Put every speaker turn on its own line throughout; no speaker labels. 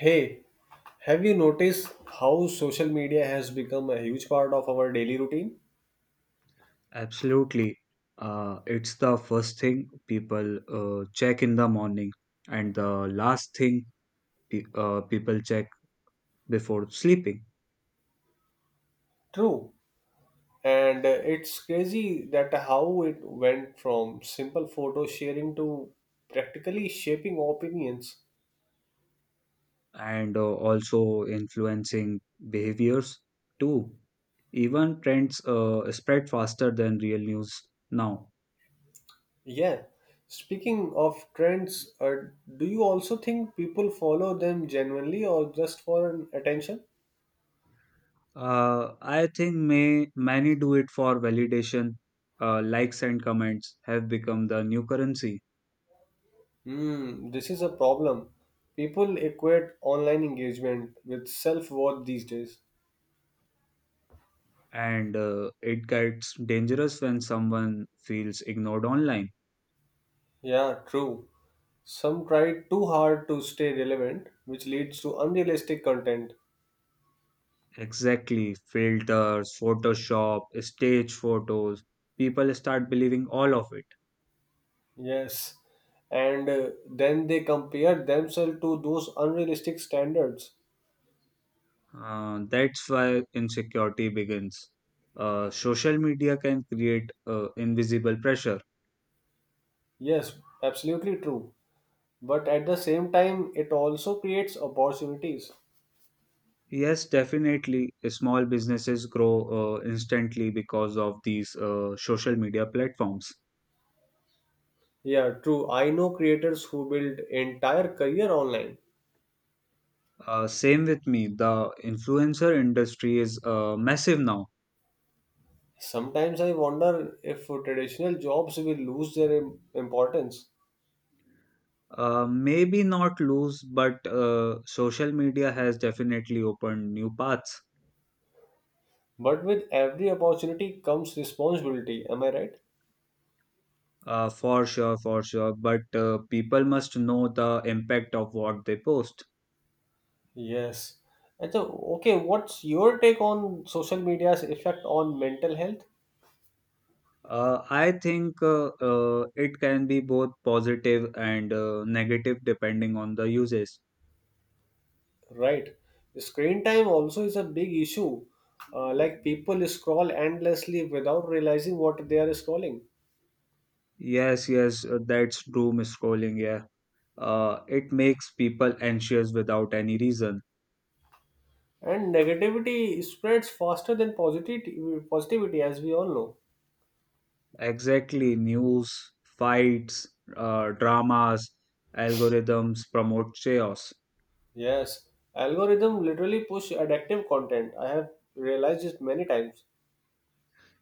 Hey, have you noticed how social media has become a huge part of our daily routine?
Absolutely. It's the first thing people check in the morning and the last thing pe people check before sleeping,
True. And it's crazy that how it went from simple photo sharing to practically shaping opinions.
and also influencing behaviors too. Even trends spread faster than real news now.
Yeah. Speaking of trends, do you also think people follow them genuinely or just for an attention?
I think many do it for validation. Likes and comments have become the new currency.
Hmm, this is a problem. People equate online engagement with self worth these days.
And it gets dangerous when someone feels ignored online.
Yeah, true. Some try too hard to stay relevant, which leads to unrealistic content.
Exactly, filters, Photoshop, stage photos, people start believing all of it.
Yes. And then they compare themselves to those unrealistic standards.
That's why insecurity begins. Social media can create invisible pressure.
Yes, absolutely true. But at the same time, it also creates opportunities.
Yes, definitely, small businesses grow instantly because of these social media platforms.
Yeah, true. I know creators who build entire career online.
Same with me, the influencer industry is massive now.
Sometimes I wonder if traditional jobs will lose their importance.
Maybe not lose, but social media has definitely opened new paths.
But with every opportunity comes responsibility. Am I right?
For sure, for sure. But people must know the impact of what they post.
Yes. And so, okay, what's your take on social media's effect on mental health?
I think it can be both positive and negative depending on the uses.
Right. Screen time also is a big issue. Like people scroll endlessly without realizing what they are scrolling.
Yes, yes, that's doom scrolling. Yeah, it makes people anxious without any reason.
And negativity spreads faster than positivity as we all know.
Exactly, news, fights, dramas, algorithms promote chaos.
Yes. Algorithm literally push addictive content. I have realized it many times.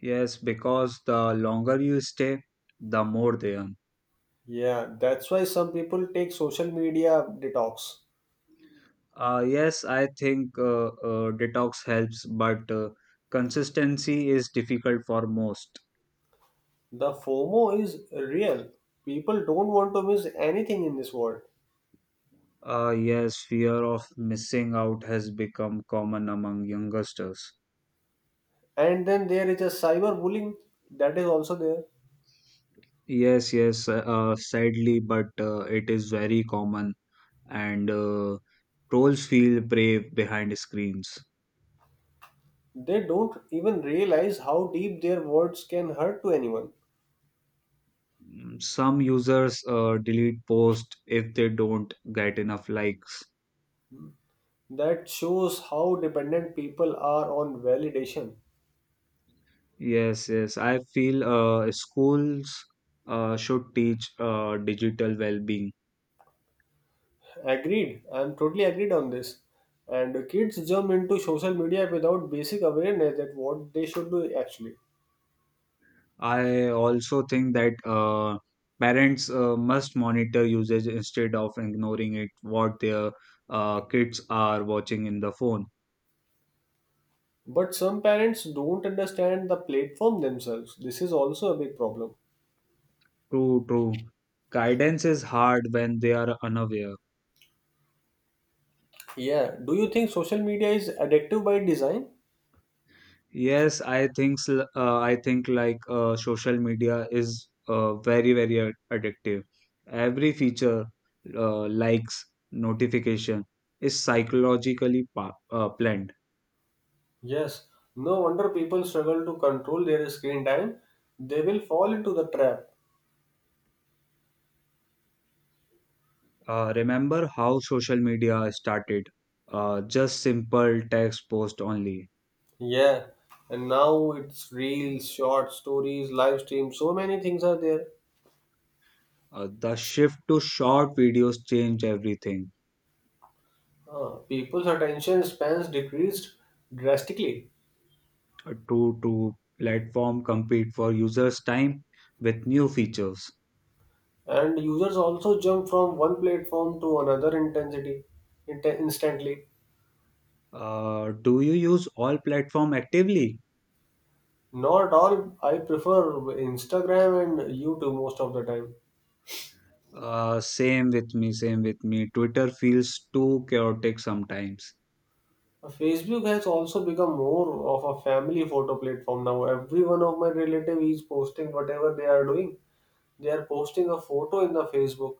Yes, because the longer you stay, the more they earn.
Yeah, that's why some people take social media detox.
Yes, I think detox helps, but consistency is difficult for most.
The FOMO is real. People don't want to miss anything in this world.
Yes, fear of missing out has become common among youngsters.
And then there is a cyberbullying that is also there.
Yes, yes, sadly, but it is very common. And trolls feel brave behind screens.
They don't even realize how deep their words can hurt to anyone.
Mm, some users delete posts if they don't get enough likes.
That shows how dependent people are on validation.
Yes, yes, I feel schools should teach digital well-being.
Agreed. I'm totally agreed on this. And kids jump into social media without basic awareness that what they should do actually.
I also think that parents must monitor usage instead of ignoring it, what their kids are watching in the phone.
But some parents don't understand the platform themselves. This is also a big problem.
True, true. Guidance is hard when they are unaware.
Yeah. Do you think social media is addictive by design?
Yes, I think like social media is very addictive. Every feature, likes, notification is psychologically planned.
Yes, no wonder people struggle to control their screen time. They will fall into the trap.
Remember how social media started? Just simple text post only.
Yeah, and now it's reels, short stories, live streams, so many things are there.
The shift to short videos changed everything.
People's attention spans decreased drastically,
To platform compete for users' time with new features.
and users also jump from one platform to another intensity instantly.
Do you use all platform actively?
Not all, I prefer Instagram and YouTube most of the time.
Same with me, same with me. Twitter feels too chaotic sometimes.
Facebook has also become more of a family photo platform now. Every one of my relative is posting whatever they are doing. They are posting a photo in the Facebook,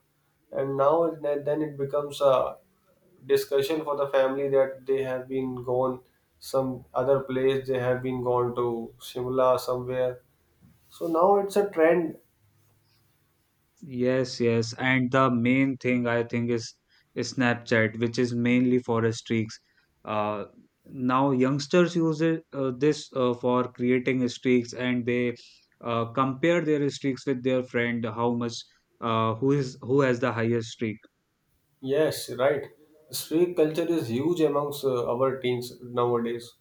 and now it, then it becomes a discussion for the family that they have been gone some other place. They have been gone to Shimla somewhere. So now it's a trend.
Yes, yes. And the main thing I think is Snapchat, which is mainly for streaks. Uh, Now youngsters use it, this for creating streaks and they compare their streaks with their friend, how much who has the highest streak.
Yes, right. Street culture is huge amongst our teens nowadays.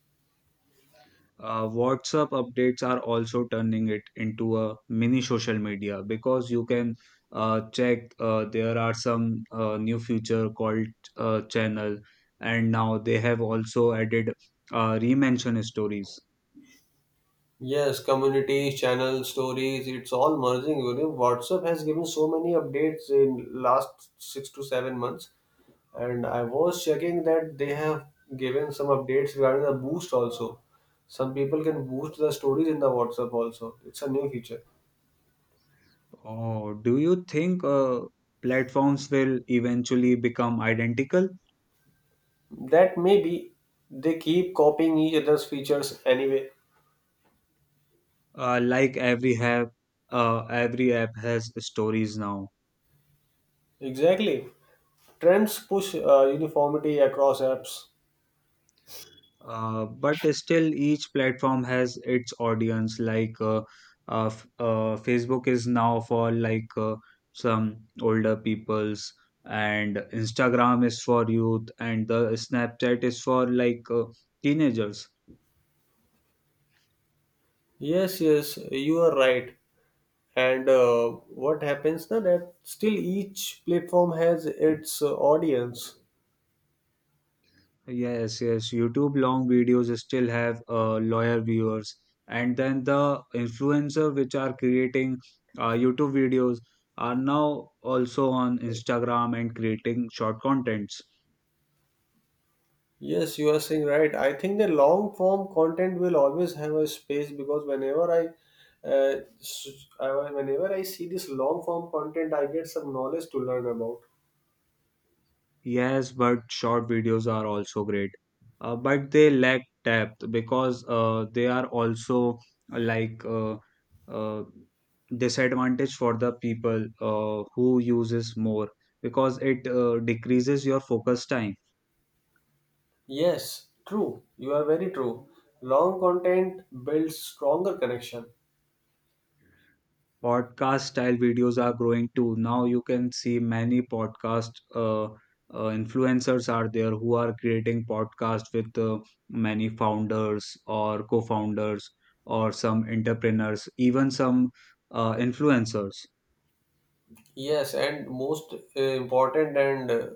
WhatsApp updates are also turning it into a mini social media because you can check there are some new feature called channel, and now they have also added remention stories.
Yes, communities, channels, stories, it's all merging. You know, WhatsApp has given so many updates in last six to seven months, and I was checking that they have given some updates regarding the boost also. Some people can boost the stories in the WhatsApp also. It's a new feature.
Oh, do you think platforms will eventually become identical?
That maybe they keep copying each other's features anyway.
Like every app has stories now.
Exactly. Trends push uniformity across apps.
But still, each platform has its audience. Like Facebook is now for like some older peoples, and Instagram is for youth, and the Snapchat is for like teenagers.
Yes, yes, you are right. And what happens now that still each platform has its audience.
Yes, yes. YouTube long videos still have loyal viewers, and then the influencer which are creating YouTube videos are now also on Instagram and creating short contents.
Yes, you are saying right. I think the long form content will always have a space because whenever I see this long form content I get some knowledge to learn about.
Yes, but short videos are also great. But they lack depth because they are also uh, like uh, uh, disadvantage for the people who uses more because it decreases your focus time.
Yes, true, you are very true. Long content builds stronger connection.
Podcast style videos are growing too. Now you can see many podcast influencers are there who are creating podcast with many founders or co-founders or some entrepreneurs, even some influencers.
Yes, and most important and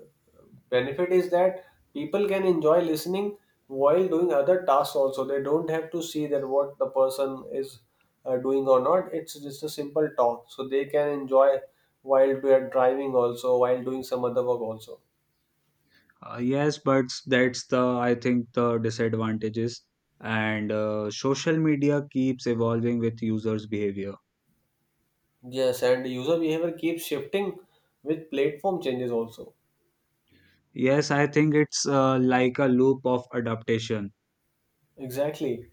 benefit is that people can enjoy listening while doing other tasks also. They don't have to see that what the person is doing or not. It's just a simple talk. So they can enjoy while they are driving also, while doing some other work also.
Yes, but that's the I think the disadvantages, and social media keeps evolving with users' behavior.
Yes, and user behavior keeps shifting with platform changes also.
Yes, I think it's like a loop of adaptation.
Exactly.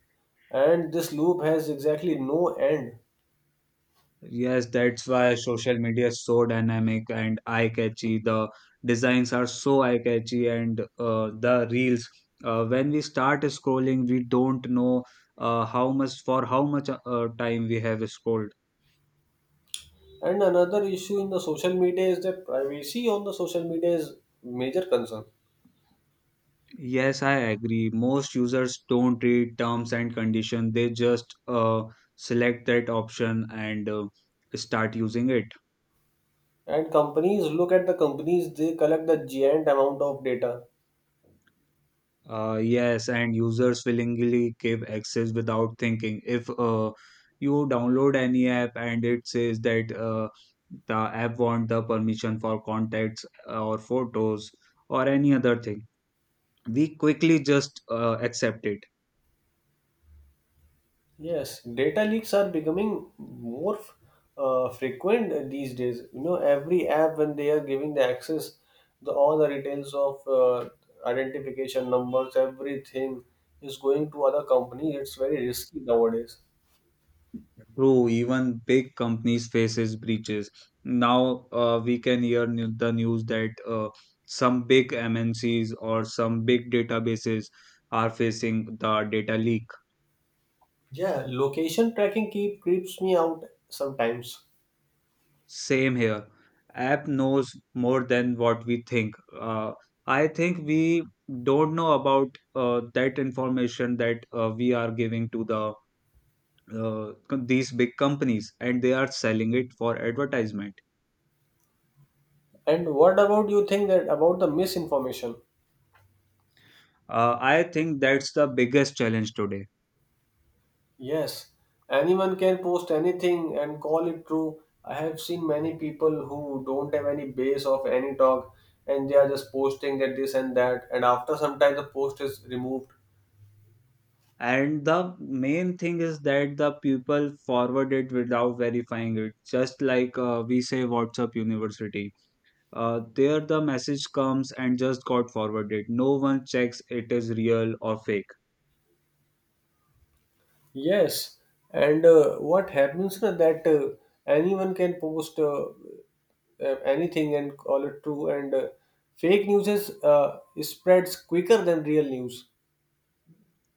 And this loop has exactly no end.
Yes, that's why social media is so dynamic and eye-catchy. The designs are so eye-catchy, and the reels. When we start scrolling, we don't know how much for how much time we have scrolled.
And another issue in the social media is that privacy on the social media is major concern.
Yes, I agree. Most users don't read terms and condition. They just select that option and start using it.
And companies look at the companies they collect the giant amount of data.
Yes, and users willingly give access without thinking. If you download any app and it says that the app want the permission for contacts or photos or any other thing, we quickly just accept it.
Yes, data leaks are becoming more frequent these days. You know, every app when they are giving the access, the all the details of identification numbers, everything is going to other companies. It's very risky nowadays.
True, even big companies faces breaches. Now we can hear the news that some big MNCs or some big databases are facing the data leak.
Yeah, location tracking keep creeps me out sometimes.
Same here. App knows more than what we think. I think we don't know about that information that we are giving to the these big companies, and they are selling it for advertisement.
And what about you think that about the misinformation?
I think that's the biggest challenge today.
Yes, anyone can post anything and call it true. I have seen many people who don't have any base of any talk and they are just posting that this and that, and after some time the post is removed.
And the main thing is that the people forward it without verifying it, just like we say WhatsApp University. There the message comes and just got forwarded. No one checks it is real or fake.
Yes, and what happens is that anyone can post anything and call it true, and fake news spreads quicker than real news.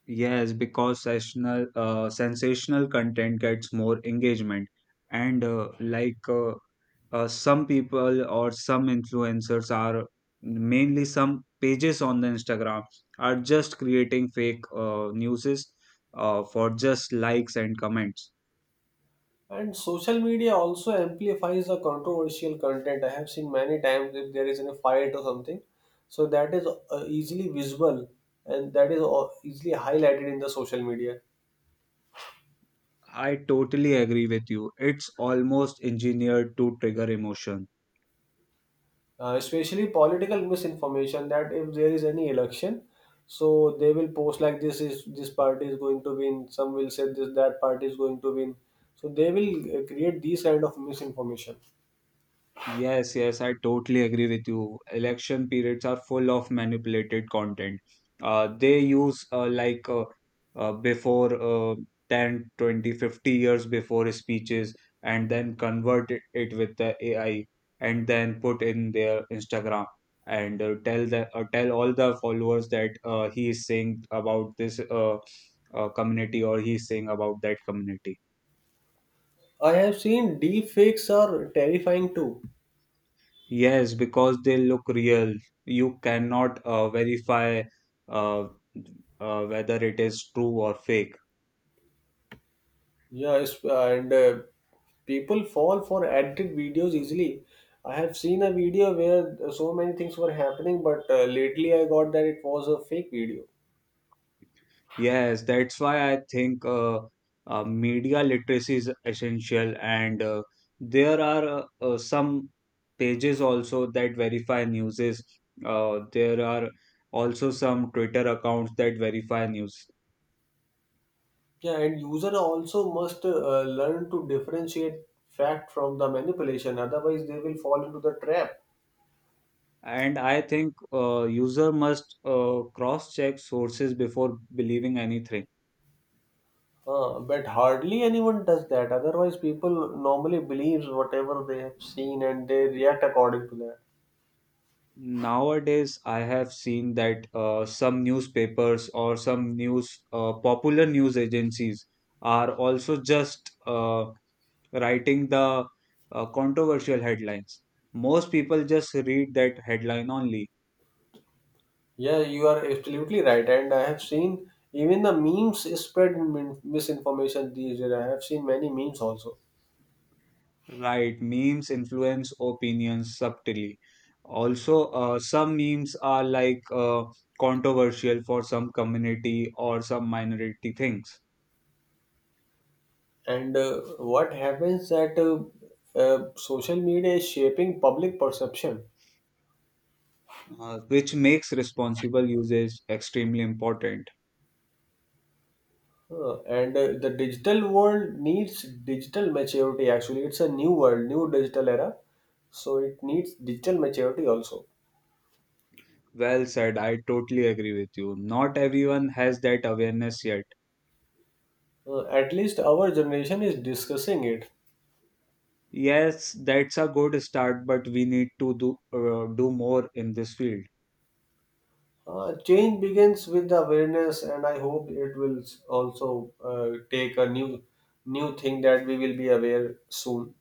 Yes, because sensational content gets more engagement, and some people or some influencers are mainly some pages on the Instagram are just creating fake newses for just likes and comments.
And social media also amplifies the controversial content. I have seen many times if there is any fight or something, so that is easily visible and that is easily highlighted in the social media,
I totally agree with you. It's almost engineered to trigger emotion.
especially political misinformation. That if there is any election, so they will post like this is this party is going to win. Some will say this that party is going to win. So they will create these kind of misinformation.
Yes, yes, I totally agree with you. Election periods are full of manipulated content. They use like before 10, 20, 50 years before speeches and then convert it with the AI and then put in their Instagram and tell all the followers that he is saying about this community or he is saying about that community.
I have seen deep fakes are terrifying too.
Yes, because they look real. You cannot verify uh, whether it is true or fake.
Yeah, it's, and People fall for edited videos easily. I have seen a video where so many things were happening, but lately I got that it was a fake video.
Yes, that's why I think media literacy is essential, and there are some pages also that verify news. There are also some Twitter accounts that verify news.
Yeah, and user also must learn to differentiate fact from the manipulation, otherwise they will fall into the trap.
And I think user must cross-check sources before believing anything.
But hardly anyone does that. Otherwise, people normally believe whatever they have seen and they react according to that.
Nowadays, I have seen that some newspapers or some news, popular news agencies are also just writing the controversial headlines. Most people just read that headline only,
Yeah, you are absolutely right. And I have seen even the memes spread misinformation these days. I have seen many memes also.
right? Memes influence opinions subtly. Also, some memes are like controversial for some community or some minority things,
And what happens that social media is shaping public perception.
which makes responsible usage extremely important.
Huh. And the digital world needs digital maturity actually. It's a new world, new digital era. So it needs digital maturity also.
Well said, I totally agree with you. Not everyone has that awareness yet.
At least our generation is discussing it.
Yes, that's a good start, but we need to do more in this field.
Change begins with the awareness, and I hope it will also take a new thing that we will be aware soon.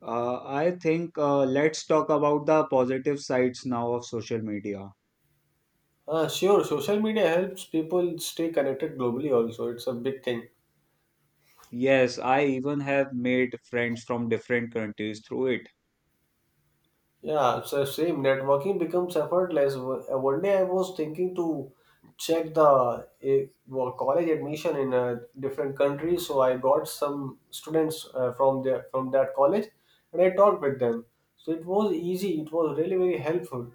I think let's talk about the positive sides now of social media.
Sure, social media helps people stay connected globally. Also, it's a big thing.
Yes, I even have made friends from different countries through it.
Yeah, so same networking becomes effortless. One day I was thinking to check the college admission in a different country, so I got some students from the from that college, and I talked with them. So it was easy. It was really very helpful.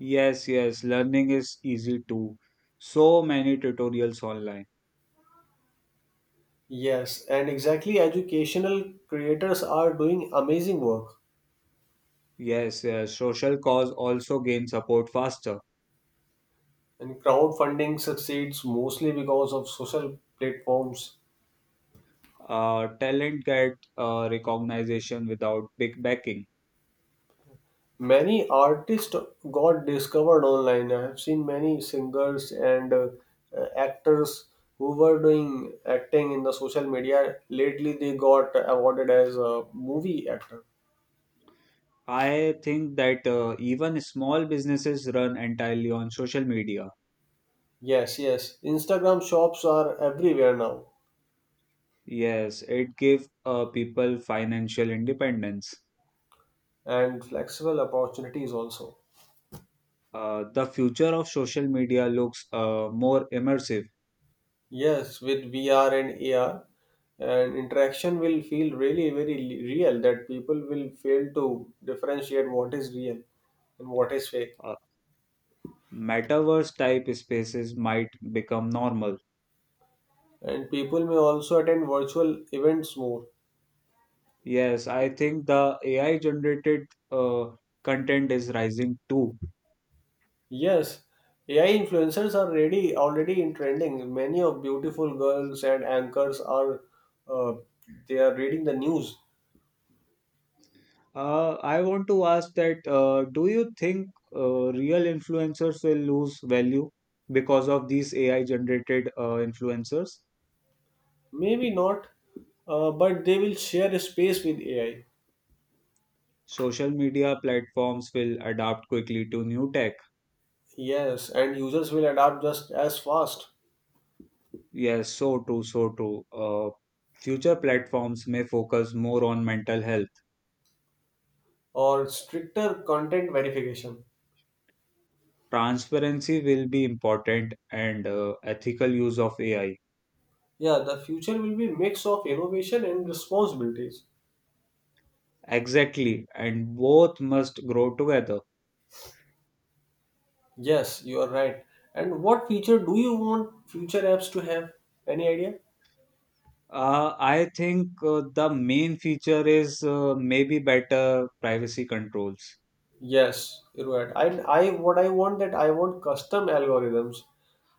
Yes, yes, learning is easy too. So many tutorials online.
Yes, and exactly educational creators are doing amazing work.
Yes, yes, social cause also gain support faster.
And crowdfunding succeeds mostly because of social platforms.
Talent get recognition without big backing.
Many artists got discovered online. I have seen many singers and actors who were doing acting in the social media. Lately, they got awarded as a movie actor.
I think that even small businesses run entirely on social media.
Yes, yes. Instagram shops are everywhere now
Yes, it gives people financial independence.
and flexible opportunities also.
The future of social media looks more immersive.
Yes, with VR and AR, and interaction will feel really very real that people will fail to differentiate what is real and what is fake.
Uh, Metaverse type spaces might become normal.
And people may also attend virtual events more.
Yes, I think the AI generated uh, content is rising too.
Yes, AI influencers are already in trending. Many of beautiful girls and anchors are uh, they are reading the news.
I want to ask that do you think real influencers will lose value because of these AI generated influencers?
Maybe not, but they will share a space with AI.
Social media platforms will adapt quickly to new tech.
Yes, and users will adapt just as fast.
Yes, so true, so true. Future platforms may focus more on mental health.
Or stricter content verification.
Transparency will be important and ethical use of AI.
Yeah, the future will be mix of innovation and responsibilities.
Exactly, and both must grow together.
Yes, you are right. And what feature do you want future apps to have? Any idea?
I think the main feature is maybe better privacy controls.
Yes, you're right. I, what I want that I want custom algorithms.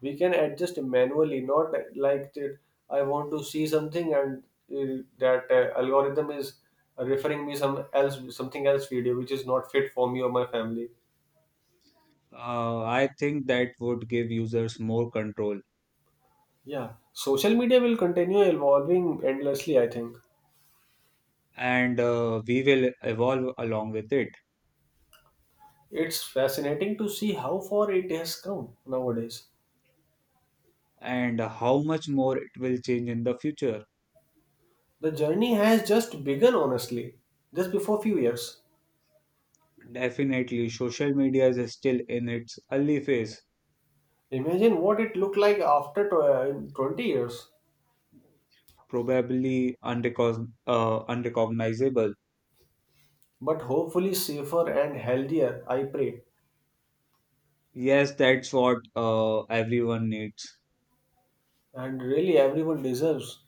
We can adjust manually, not like that. I want to see something and that algorithm is referring me some else something else video which is not fit for me or my family.
I think that would give users more control,
Yeah, social media will continue evolving endlessly, I think.
and we will evolve along with it.
It's fascinating to see how far it has come nowadays.
And how much more it will change in the future?
The journey has just begun, honestly, just before few years.
Definitely, social media is still in its early phase,
Imagine what it looked like after 20 years,
probably unrecognizable.
but hopefully safer and healthier, I pray.
Yes, that's what everyone needs.
And really, everyone deserves